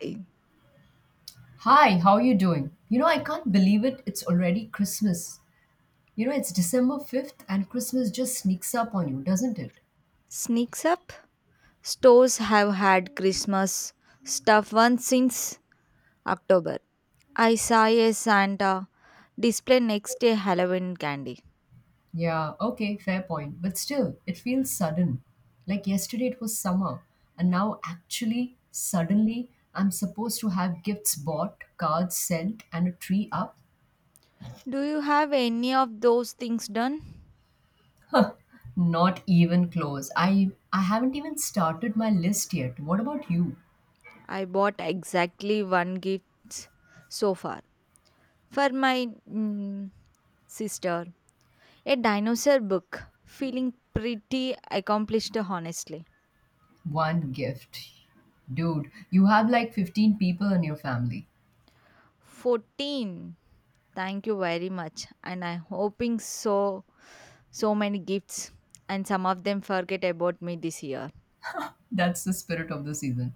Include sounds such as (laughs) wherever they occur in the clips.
eh, Hi, how are you doing? You know, I can't believe it. It's already Christmas. You know, it's December 5th and Christmas just sneaks up on you, doesn't it? Sneaks up. Stores have had Christmas stuff once since October. I saw a Santa display next to a Halloween candy. Yeah, okay, fair point. But still, it feels sudden. Like yesterday it was summer, and now actually, suddenly, I'm supposed to have gifts bought, cards sent, and a tree up. Do you have any of those things done? Not even close. I haven't even started my list yet. What about you? I bought exactly one gift so far for my sister, a dinosaur book. Feeling pretty accomplished, honestly. One gift. Dude, you have like 15 people in your family. 14. Thank you very much, and I'm hoping so. So many gifts, and some of them forget about me this year. That's the spirit of the season.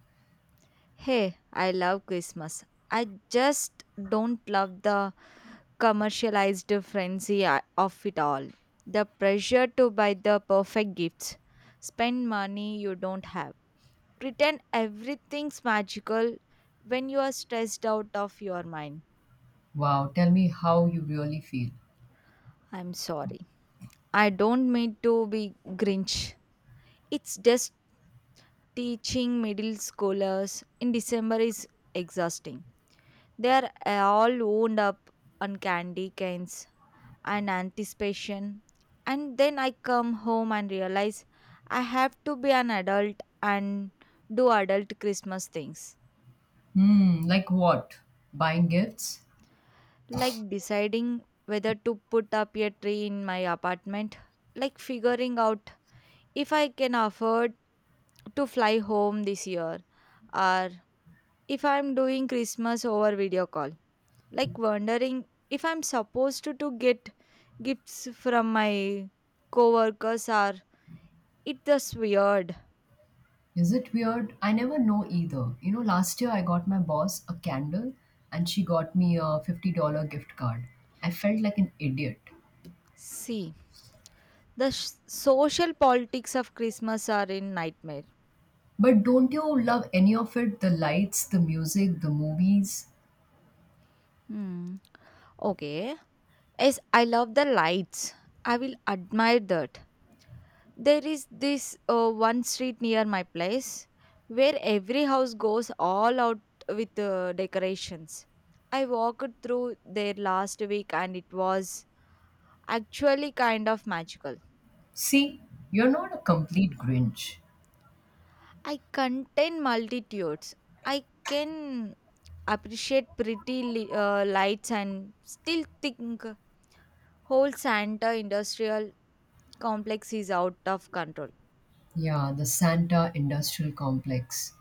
Hey, I love Christmas. I just don't love the commercialized frenzy of it all. The pressure to buy the perfect gifts, spend money you don't have, pretend everything's magical when you are stressed out of your mind. Wow, tell me how you really feel. I'm sorry. I don't mean to be Grinch. It's just teaching middle schoolers in December is exhausting. They are all wound up on candy canes and anticipation. And then I come home and realize I have to be an adult and do adult Christmas things. Hmm, like what? Buying gifts? Like deciding whether to put up a tree in my apartment, like figuring out if I can afford to fly home this year, or if I'm doing Christmas over video call, like wondering if I'm supposed to get gifts from my coworkers, or it just weird. Is it weird? I never know either. You know, last year I got my boss a candle and she got me a $50 gift card. I felt like an idiot. See, the social politics of Christmas are in nightmare. But don't you love any of it? The lights, the music, the movies? Hmm. Okay. Yes, I love the lights. I will admire that. There is this one street near my place where every house goes all out with decorations. I walked through there last week and it was actually kind of magical. See, you're not a complete Grinch. I contain multitudes. I can appreciate pretty lights and still think whole Santa industrial complex is out of control. Yeah, the Santa industrial complex.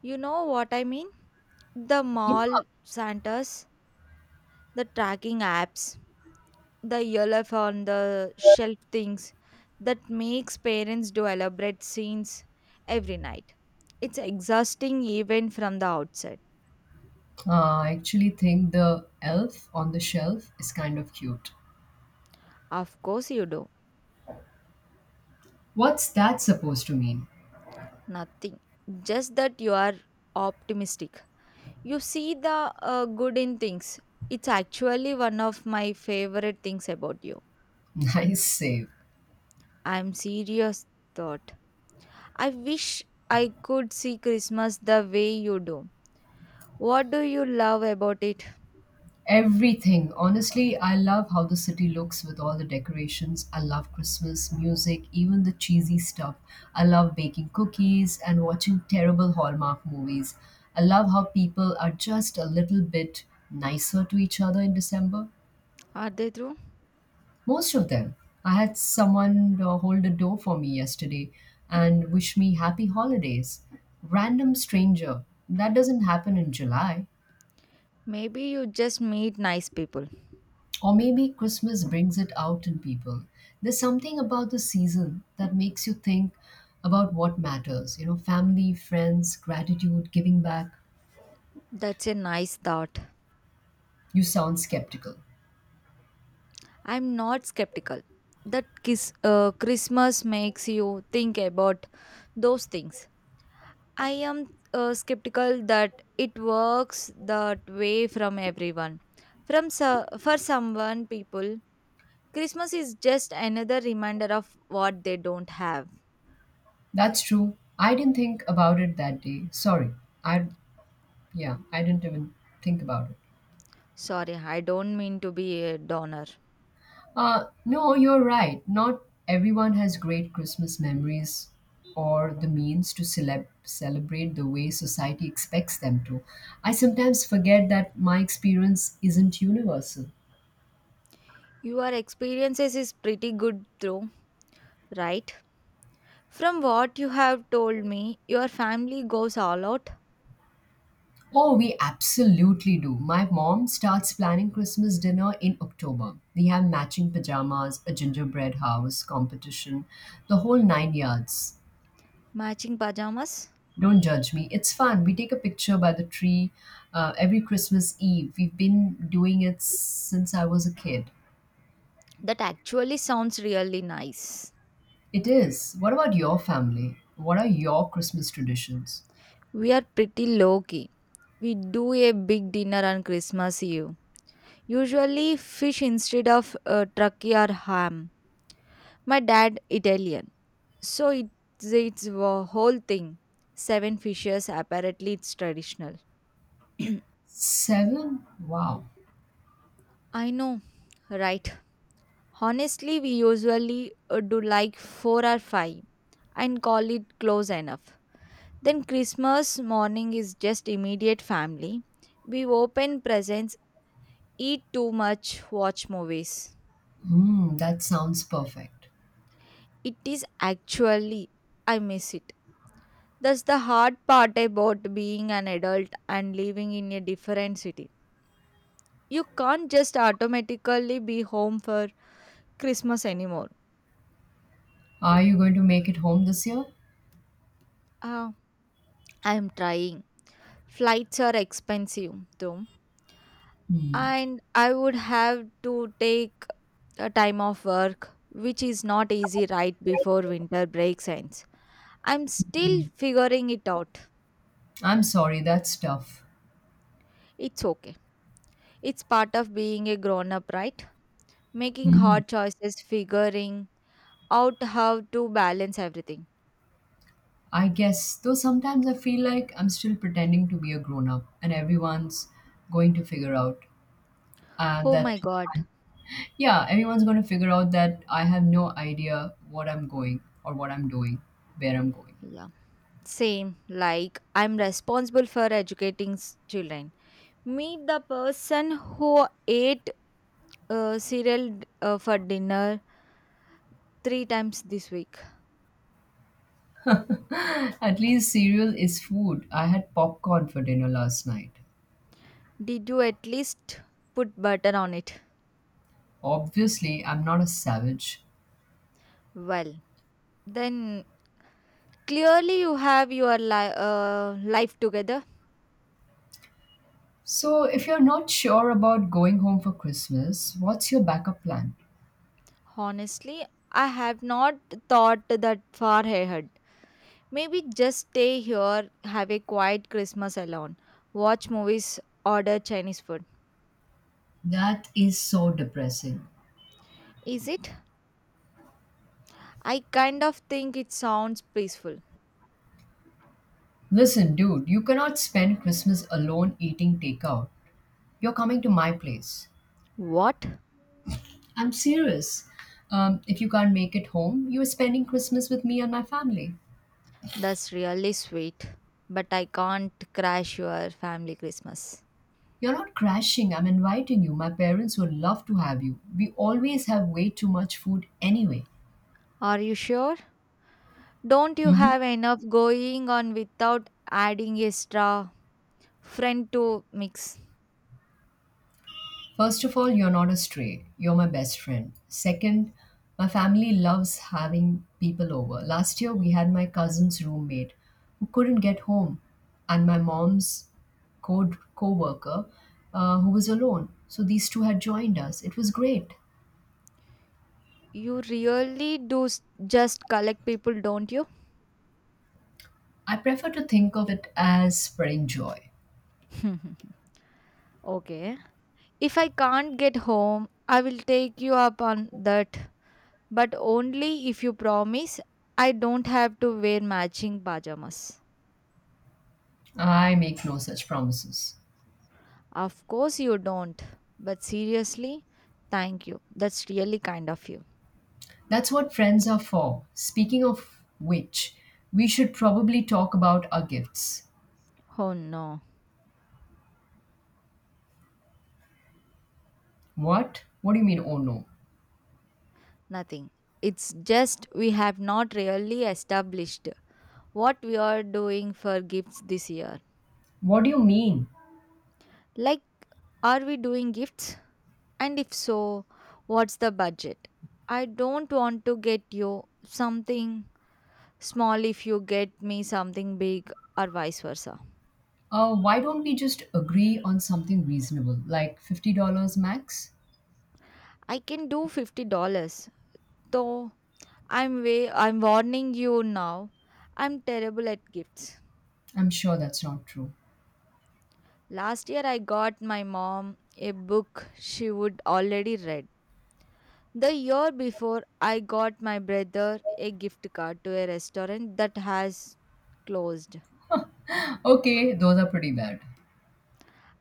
You know what I mean? The Yeah, mall Santas, the tracking apps, the Elf on the shelf things that makes parents do elaborate scenes every night. It's exhausting even from the outside. I actually think the elf on the shelf is kind of cute. Of course you do. What's that supposed to mean? Nothing. Just that you are optimistic. You see the good in things. It's actually one of my favorite things about you. (laughs) Nice save. I'm serious thought. I wish I could see Christmas the way you do. What do you love about it? Everything. Honestly, I love how the city looks with all the decorations. I love Christmas music, even the cheesy stuff. I love baking cookies and watching terrible Hallmark movies. I love how people are just a little bit nicer to each other in December. Are they true? Most of them. I had someone hold the door for me yesterday and wish me happy holidays. Random stranger. That doesn't happen in July. Maybe you just meet nice people. Or maybe Christmas brings it out in people. There's something about the season that makes you think about what matters. You know, family, friends, gratitude, giving back. That's a nice thought. You sound skeptical. I'm not skeptical that Christmas makes you think about those things. I am skeptical that it works that way from everyone. From for someone people, Christmas is just another reminder of what they don't have. That's true. I didn't think about it that day. Sorry. I, yeah, I didn't even think about it. Sorry, I don't mean to be a downer. No, you're right. Not everyone has great Christmas memories or the means to celebrate the way society expects them to. I sometimes forget that my experience isn't universal. Your experiences is pretty good though, right? From what you have told me, your family goes all out. Oh, we absolutely do. My mom starts planning Christmas dinner in October. We have matching pajamas, a gingerbread house competition, the whole nine yards. Matching pajamas. Don't judge me. It's fun. We take a picture by the tree every Christmas Eve. We've been doing it since I was a kid. That actually sounds really nice. It is. What about your family? What are your Christmas traditions? We are pretty low key. We do a big dinner on Christmas Eve. Usually fish instead of turkey or ham. My dad Italian, so it's a whole thing. Seven fishes apparently it's traditional. (clears throat) Seven? Wow. I know, right? Honestly, we usually do like four or five and call it close enough. Then Christmas morning is just immediate family. We open presents, eat too much, watch movies. Mm, that sounds perfect. It is actually, I miss it. That's the hard part about being an adult and living in a different city. You can't just automatically be home for Christmas anymore. Are you going to make it home this year? Ah, I'm trying. Flights are expensive though, Hmm. and I would have to take a time off work, which is not easy right before winter breaks ends. I'm Hmm. still figuring it out. I'm sorry, that's tough. It's okay. It's part of being a grown up, right? Making Hmm. hard choices, figuring out how to balance everything. I guess, though sometimes I feel like I'm still pretending to be a grown up and everyone's going to figure out Oh that my god. Yeah, everyone's going to figure out that I have no idea what I'm going or what I'm doing, where I'm going. Yeah. Same. Like, I'm responsible for educating children. Meet the person who ate cereal for dinner three times this week. (laughs) At least cereal is food. I had popcorn for dinner last night. Did you at least put butter on it? Obviously, I'm not a savage. Well, then clearly you have your life together. So, if you're not sure about going home for Christmas, what's your backup plan? Honestly, I have not thought that far ahead. Maybe just stay here, have a quiet Christmas alone, watch movies, order Chinese food. That is so depressing. Is it? I kind of think it sounds peaceful. Listen, dude, you cannot spend Christmas alone eating takeout. You're coming to my place. What? I'm serious. If you can't make it home, you're spending Christmas with me and my family. That's really sweet. But I can't crash your family Christmas. You're not crashing, I'm inviting you. My parents would love to have you. We always have way too much food anyway. Are you sure? Don't you Mhm. have enough going on without adding extra friend to mix? First of all, you're not a stray. You're my best friend. Second, my family loves having people over. Last year, we had my cousin's roommate who couldn't get home, and my mom's co worker who was alone. So these two had joined us. It was great. You really do just collect people, don't you? I prefer to think of it as spreading joy. (laughs) okay. If I can't get home, I will take you up on that. But only if you promise I don't have to wear matching pajamas. I make no such promises. Of course you don't. But seriously, thank you. That's really kind of you. That's what friends are for. Speaking of which, we should probably talk about our gifts. Oh no, What? What do you mean, oh no? nothing. It's just we have not really established what we are doing for gifts this year. What do you mean? Like, are we doing gifts? And if so, what's the budget? I don't want to get you something small if you get me something big or vice versa. Why don't we just agree on something reasonable, like $50 max? I can do $50, though I'm warning you now. I'm terrible at gifts. I'm sure that's not true. Last year I got my mom a book she would already read. The year before I got my brother a gift card to a restaurant that has closed. Okay, those are pretty bad.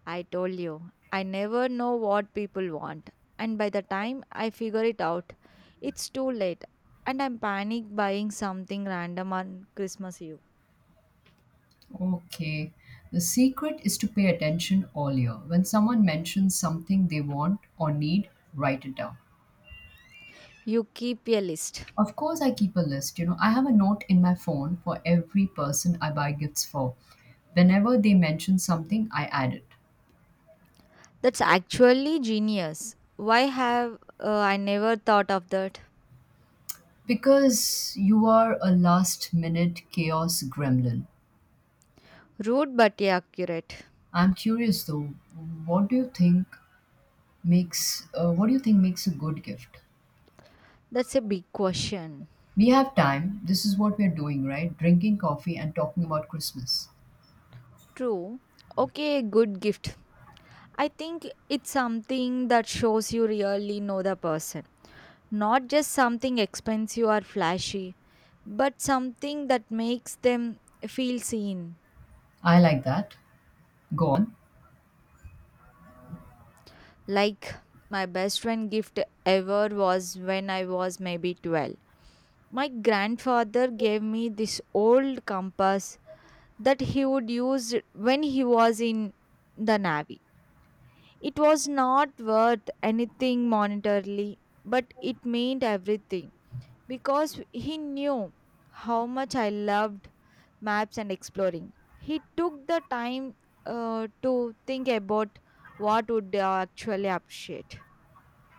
I told you, I never know what people want and by the time I figure it out, it's too late and I'm panic buying something random on Christmas Eve. Okay. The secret is to pay attention all year. When someone mentions something they want or need, write it down. You keep a list. Of course, I keep a list. You know, I have a note in my phone for every person I buy gifts for. Whenever they mention something, I add it. That's actually genius. Why have I never thought of that? Because you are a last minute chaos gremlin. Rude but yeah, accurate. I'm curious though, what do you think what do you think makes a good gift? That's a big question. We have time. This is what we're doing, right? Drinking coffee and talking about Christmas. True. Okay, good gift. I think it's something that shows you really know the person. Not just something expensive or flashy, but something that makes them feel seen. I like that. Go on. Like my best friend gift ever was when I was maybe 12. My grandfather gave me this old compass that he would use when he was in the Navy. It was not worth anything monetarily, but it meant everything because he knew how much I loved maps and exploring. He took the time to think about what would I actually appreciate.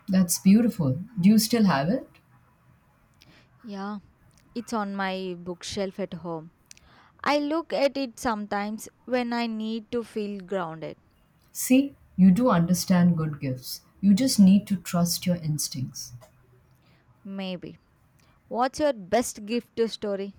That's beautiful. Do you still have it? Yeah, it's on my bookshelf at home. I look at it sometimes when I need to feel grounded. See, you do understand good gifts. You just need to trust your instincts. Maybe. What's your best gift to story?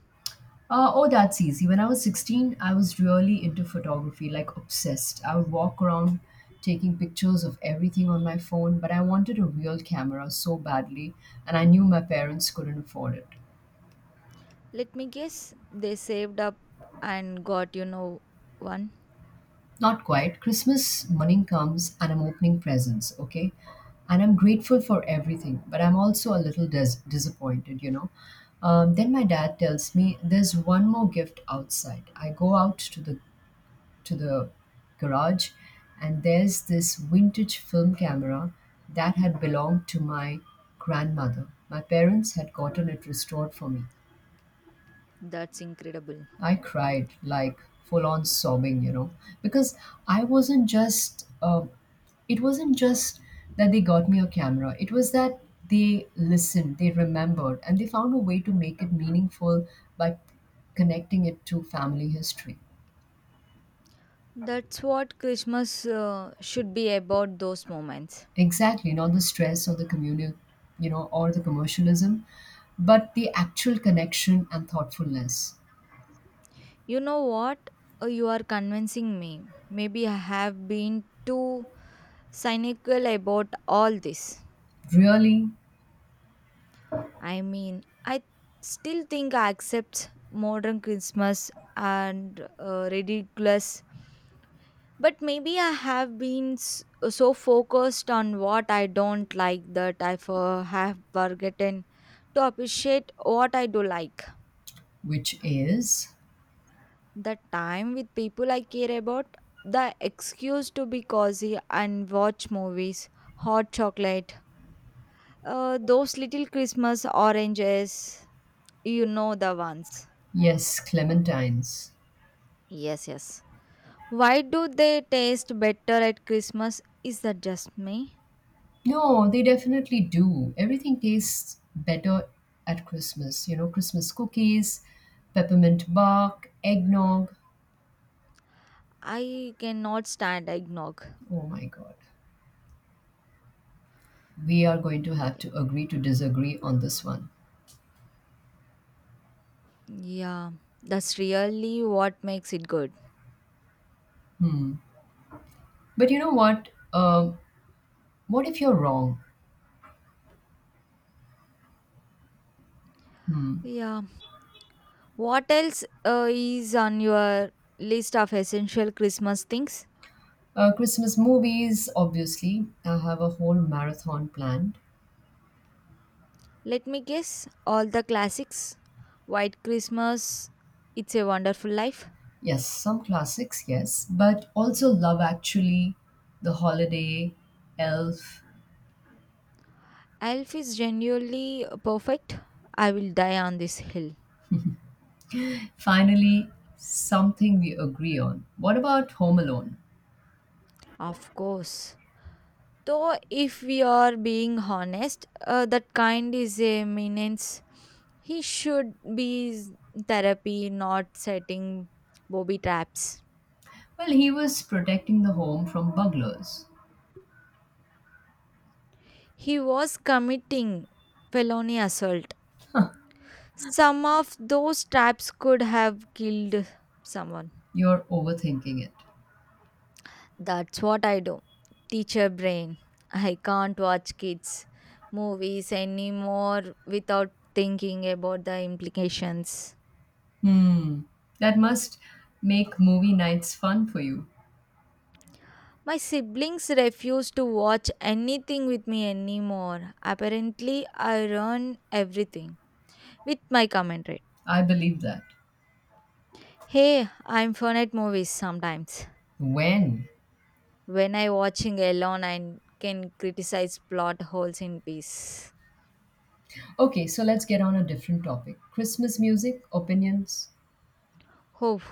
Oh, that's easy. When I was 16, I was really into photography, like obsessed. I would walk around taking pictures of everything on my phone, but I wanted a real camera so badly, and I knew my parents couldn't afford it. Let me guess, they saved up and got one. Not quite. Christmas morning comes and I'm opening presents, okay? And I'm grateful for everything, but I'm also a little disappointed, you know? Then my dad tells me there's one more gift outside. I go out to the to the garage and there's this vintage film camera that had belonged to my grandmother. My parents had gotten it restored for me. That's incredible. I cried like full on sobbing, you know, because I wasn't just, it wasn't just that they got me a camera. It was that they listened, they remembered, and they found a way to make it meaningful by connecting it to family history. That's what Christmas should be about those moments. Exactly, not the stress or the communal, you know, or the commercialism, but the actual connection and thoughtfulness. You know what? You are convincing me. Maybe I have been too cynical about all this. Really, I mean, I still think I accept modern Christmas and ridiculous. But maybe I have been so focused on what I don't like that I have forgotten to appreciate what I do like. which is, The time with people I care about, the excuse to be cozy and watch movies, hot chocolate, those little Christmas oranges, you know the ones. yes, Clementines. Yes, yes. Why do they taste better at Christmas? Is that just me? No, they definitely do. Everything tastes better at Christmas. You know, Christmas cookies, peppermint bark, eggnog. I cannot stand eggnog. Oh my God. We are going to have Yeah, to agree to disagree on this one. yeah, that's really what makes it good. Hmm. But you know what? What if you're wrong? Hmm. Yeah. What else is on your list of essential Christmas things? Christmas movies, obviously. I have a whole marathon planned. Let me guess all the classics. White Christmas, It's a Wonderful Life. Yes, some classics, yes. But also Love Actually, The Holiday, Elf. Elf is genuinely perfect. I will die on this hill. Finally, something we agree on. What about Home Alone? Of course. Though, if we are being honest, that kind is a menace. He should be therapy, not setting Bobby traps. Well, he was protecting the home from burglars. He was committing felony assault. Some of those traps could have killed someone. You're overthinking it. That's what I do. Teacher brain. I can't watch kids' movies anymore without thinking about the implications. Hmm. That must make movie nights fun for you. My siblings refuse to watch anything with me anymore. Apparently, I run everything with my commentary. I believe that. Hey, I'm fun at movies sometimes. When? When I watching alone and can criticize plot holes in peace. Okay, so let's get on a different topic Christmas music, opinions. Oh,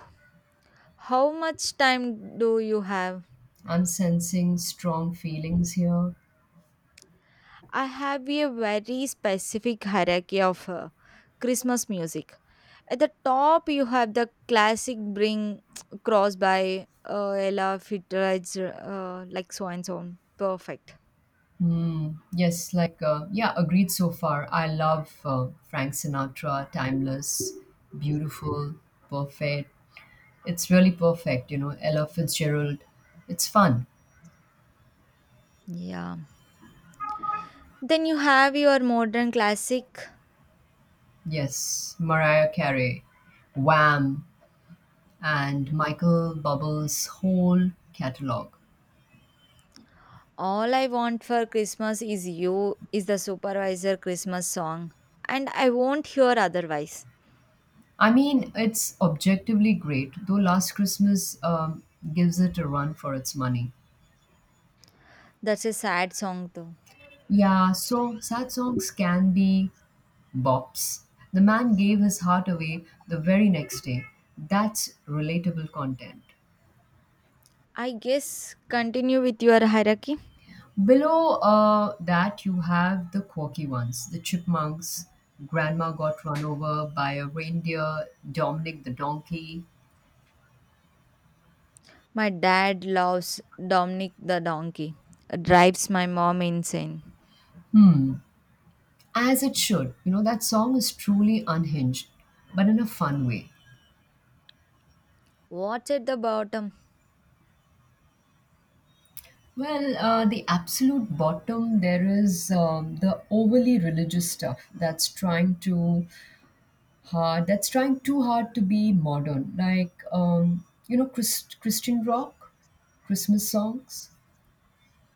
how much time do you have? I'm sensing strong feelings here. I have a very specific hierarchy of Christmas music. At the top, you have the classic Bring (tsk) Cross by Ella Fitzgerald, like so and so. On. Perfect. Mm, yes, like, yeah, agreed so far. I love Frank Sinatra, timeless, beautiful, perfect. It's really perfect, you know. Ella Fitzgerald, it's fun. Yeah. Then you have your modern classic. Yes, Mariah Carey, Wham, and Michael Bubble's whole catalog. All I Want for Christmas is You is the supervisor Christmas song, and I won't hear otherwise. I mean, it's objectively great, though Last Christmas gives it a run for its money. That's a sad song though. Yeah, so sad songs can be Bops. The man gave his heart away the very next day. That's relatable content. I guess continue with your hierarchy. Below that, you have the quirky ones the chipmunks, grandma got run over by a reindeer, Dominic the donkey. My dad loves Dominic the donkey, drives my mom insane. As it should. You know, that song is truly unhinged, but in a fun way. What's at the bottom? Well, the absolute bottom, there is the overly religious stuff that's trying to hard that's trying too hard to be modern like Christian rock Christmas songs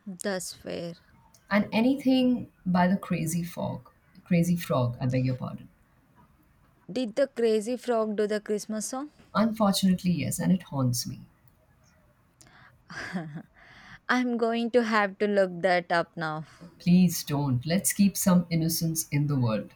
That's fair. and anything by the crazy frog. Crazy frog, I beg your pardon? Did the crazy frog do the Christmas song? Unfortunately, yes, and it haunts me. (laughs) I'm going to have to look that up now. Please don't. Let's keep some innocence in the world.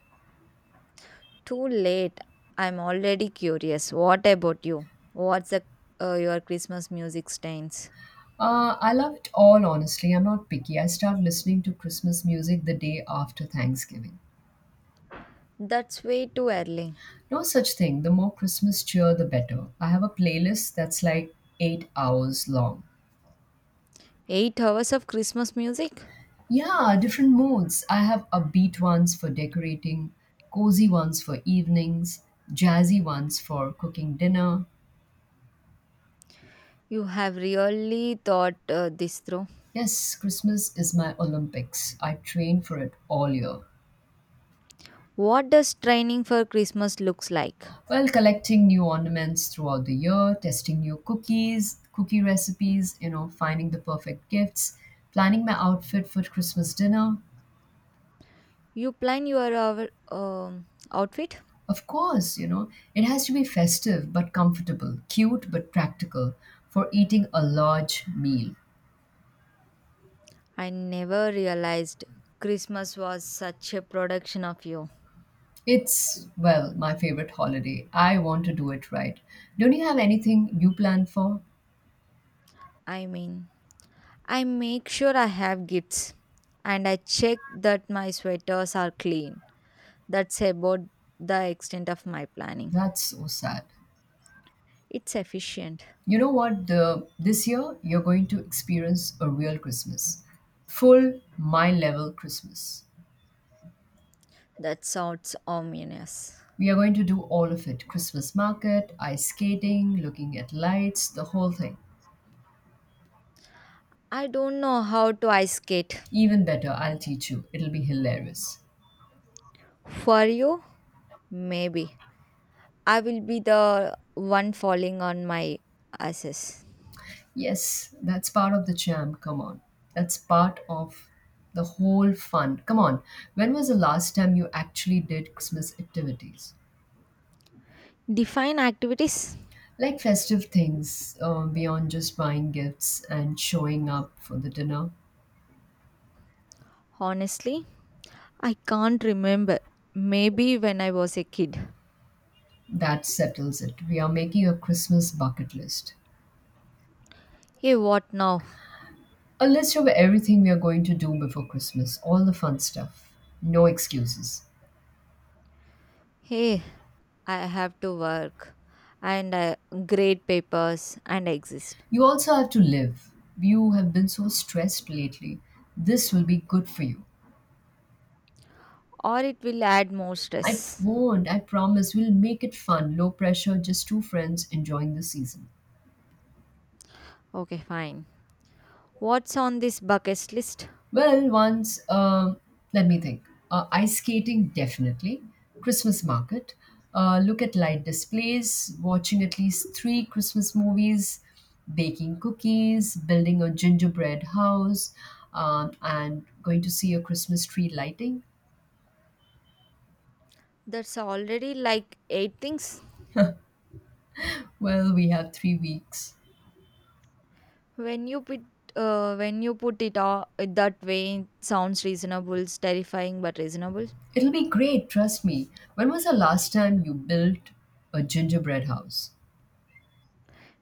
Too late. I'm already curious. What about you? What's your Christmas music stains? I love it all, honestly. I'm not picky. I start listening to Christmas music the day after Thanksgiving. That's way too early. No such thing. The more Christmas cheer the better. I have a playlist that's like 8 hours long. 8 hours of Christmas music? Yeah, different moods. I have upbeat ones for decorating, cozy ones for evenings, jazzy ones for cooking dinner. You have really thought this through. Yes, Christmas is my Olympics. I train for it all year. What does training for Christmas looks like? Well, collecting new ornaments throughout the year, testing new cookies, cookie recipes, you know, finding the perfect gifts, planning my outfit for Christmas dinner. You plan your outfit? Of course, you know, it has to be festive but comfortable, cute but practical for eating a large meal. I never realized Christmas was such a production of you. It's, well, my favorite holiday. I want to do it right. Don't you have anything you plan for? I mean, I make sure I have gifts and I check that my sweaters are clean. That's about the extent of my planning. That's so sad. It's efficient. You know what? The This year you're going to experience a real Christmas. Full my level Christmas. That sounds ominous. We are going to do all of it. Christmas market, ice skating, looking at lights, the whole thing. I don't know how to ice skate. Even better, I'll teach you. It'll be hilarious. For you, maybe. I will be the one falling on my asses. Yes, that's part of the charm. Come on. That's part of the whole fun. Come on. When was the last time you actually did Christmas activities? Define activities? Like festive things, beyond just buying gifts and showing up for the dinner? Honestly, I can't remember. Maybe when I was a kid. That settles it. We are making a Christmas bucket list. Hey, what now? A list of everything we are going to do before Christmas, all the fun stuff. No excuses. Hey, I have to work and grade papers and exist. You also have to live. You have been so stressed lately. This will be good for you. Or it will add more I stress. won't, I promise. We'll make it fun, low pressure, just two friends enjoying the season. Okay, fine. What's on this bucket list? Well, once, let me think. Ice skating, definitely. Christmas market. Look at light displays, watching at least three Christmas movies, baking cookies, building a gingerbread house, and going to see a Christmas tree lighting. That's already like eight things. Well, we have 3 weeks. When you put when you put it all that way, it sounds reasonable. It's terrifying, but reasonable. It'll be great, trust me. When was the last time you built a gingerbread house?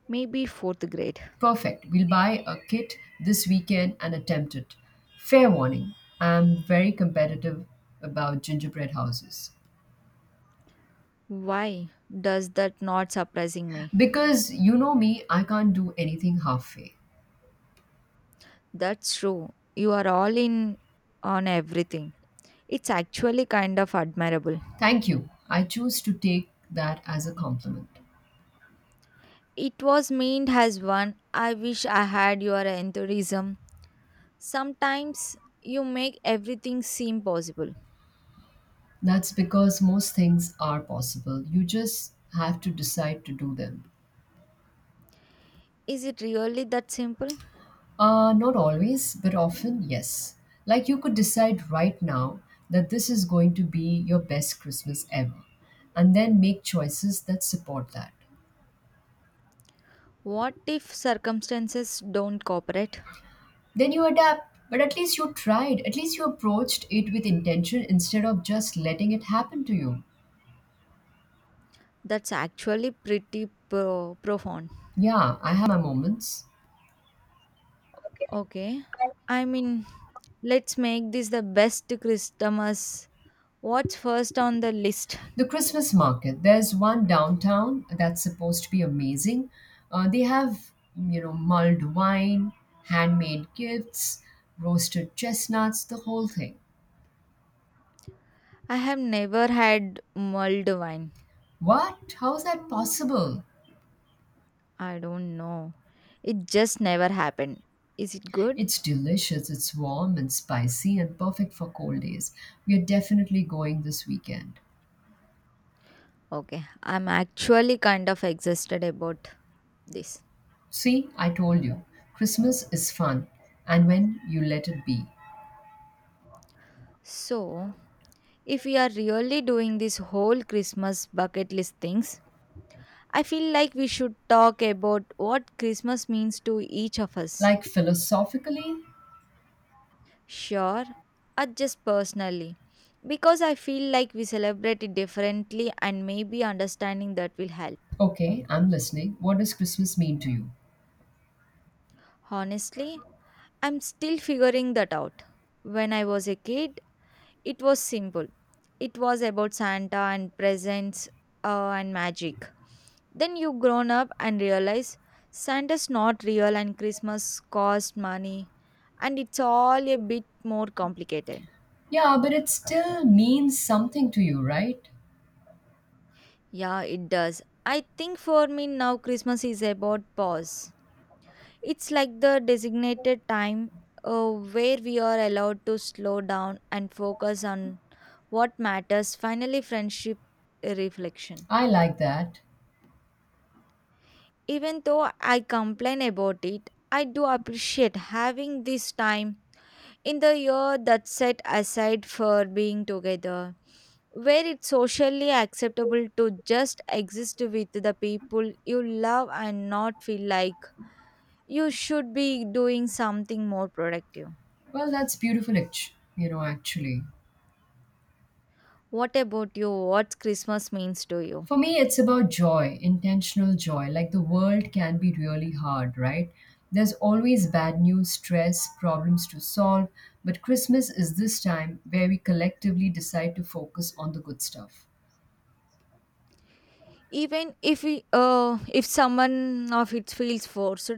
Maybe fourth grade. Perfect. We'll buy a kit this weekend and attempt it. Fair warning, I'm very competitive about gingerbread houses. Why does that not surprising me? Because you know me, I can't do anything halfway. That's true. You are all in on everything. It's actually kind of admirable. Thank you. I choose to take that as a compliment. It was meant as one. I wish I had your enthusiasm. Sometimes you make everything seem possible. That's because most things are possible. You just have to decide to do them. Is it really that simple? Not always, but often, yes. Like you could decide right now that this is going to be your best Christmas ever, and then make choices that support that. What if circumstances don't cooperate? Then you adapt, but at least you tried, at least you approached it with intention instead of just letting it happen to you. That's actually pretty profound. Yeah, I have my moments. Okay, I mean, let's make this the best Christmas. What's first on the list? The Christmas market. There's one downtown that's supposed to be amazing. They have, you know, mulled wine, handmade gifts, roasted chestnuts, the whole thing. I have never had mulled wine. What? How's that possible? I don't know. It just never happened. Is it good? It's delicious, it's warm and spicy and perfect for cold days. We are definitely going this weekend. Okay, I'm actually kind of exhausted about this. See, I told you, Christmas is fun, and when you let it be. So, if we are really doing this whole Christmas bucket list things, I feel like we should talk about what Christmas means to each of us. Like philosophically, Sure, just personally. Because I feel like we celebrate it differently and maybe understanding that will help. okay, I'm listening. What does Christmas mean to you? Honestly, I'm still figuring that out. When I was a kid, it was simple. It was about Santa and presents and magic. Then you grown up and realize Santa's not real and Christmas cost money and it's all a bit more complicated. Yeah, but it still means something to you, right? Yeah, it does. I think for me now Christmas is about pause. It's like the designated time where we are allowed to slow down and focus on what matters, finally, friendship reflection. I like that. Even though I complain about it, I do appreciate having this time in the year that's set aside for being together, where it's socially acceptable to just exist with the people you love and not feel like you should be doing something more productive. Well, that's beautiful, actually. What about you? What Christmas means to you? For me, it's about joy, intentional joy. Like the world can be really hard, right? There's always bad news, stress, problems to solve. But Christmas is this time where we collectively decide to focus on the good stuff. Even if if someone of it feels forced,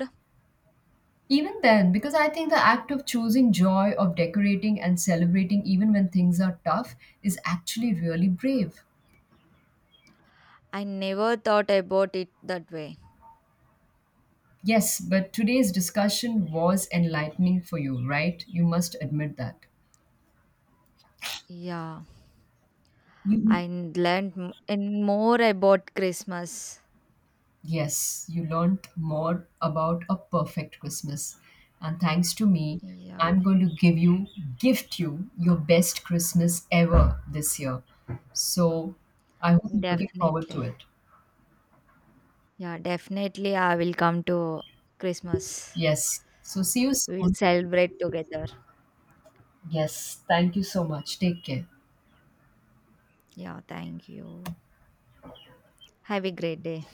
Even then, because I think the act of choosing joy, of decorating and celebrating, even when things are tough, is actually really brave. I never thought about it that way. Yes, but today's discussion was enlightening for you, right? You must admit that. Yeah. You And learned m- and more about Christmas. Yes, you learned more about a perfect Christmas. And thanks to me, Yeah, I'm going to give you gift you your best Christmas ever this year. So, I hope you're looking forward to definitely. it. Yeah, definitely. I will come to Christmas. Yes. So see you We will soon. celebrate together. Yes, thank you so much. Take care. Yeah, thank you. Have a great day.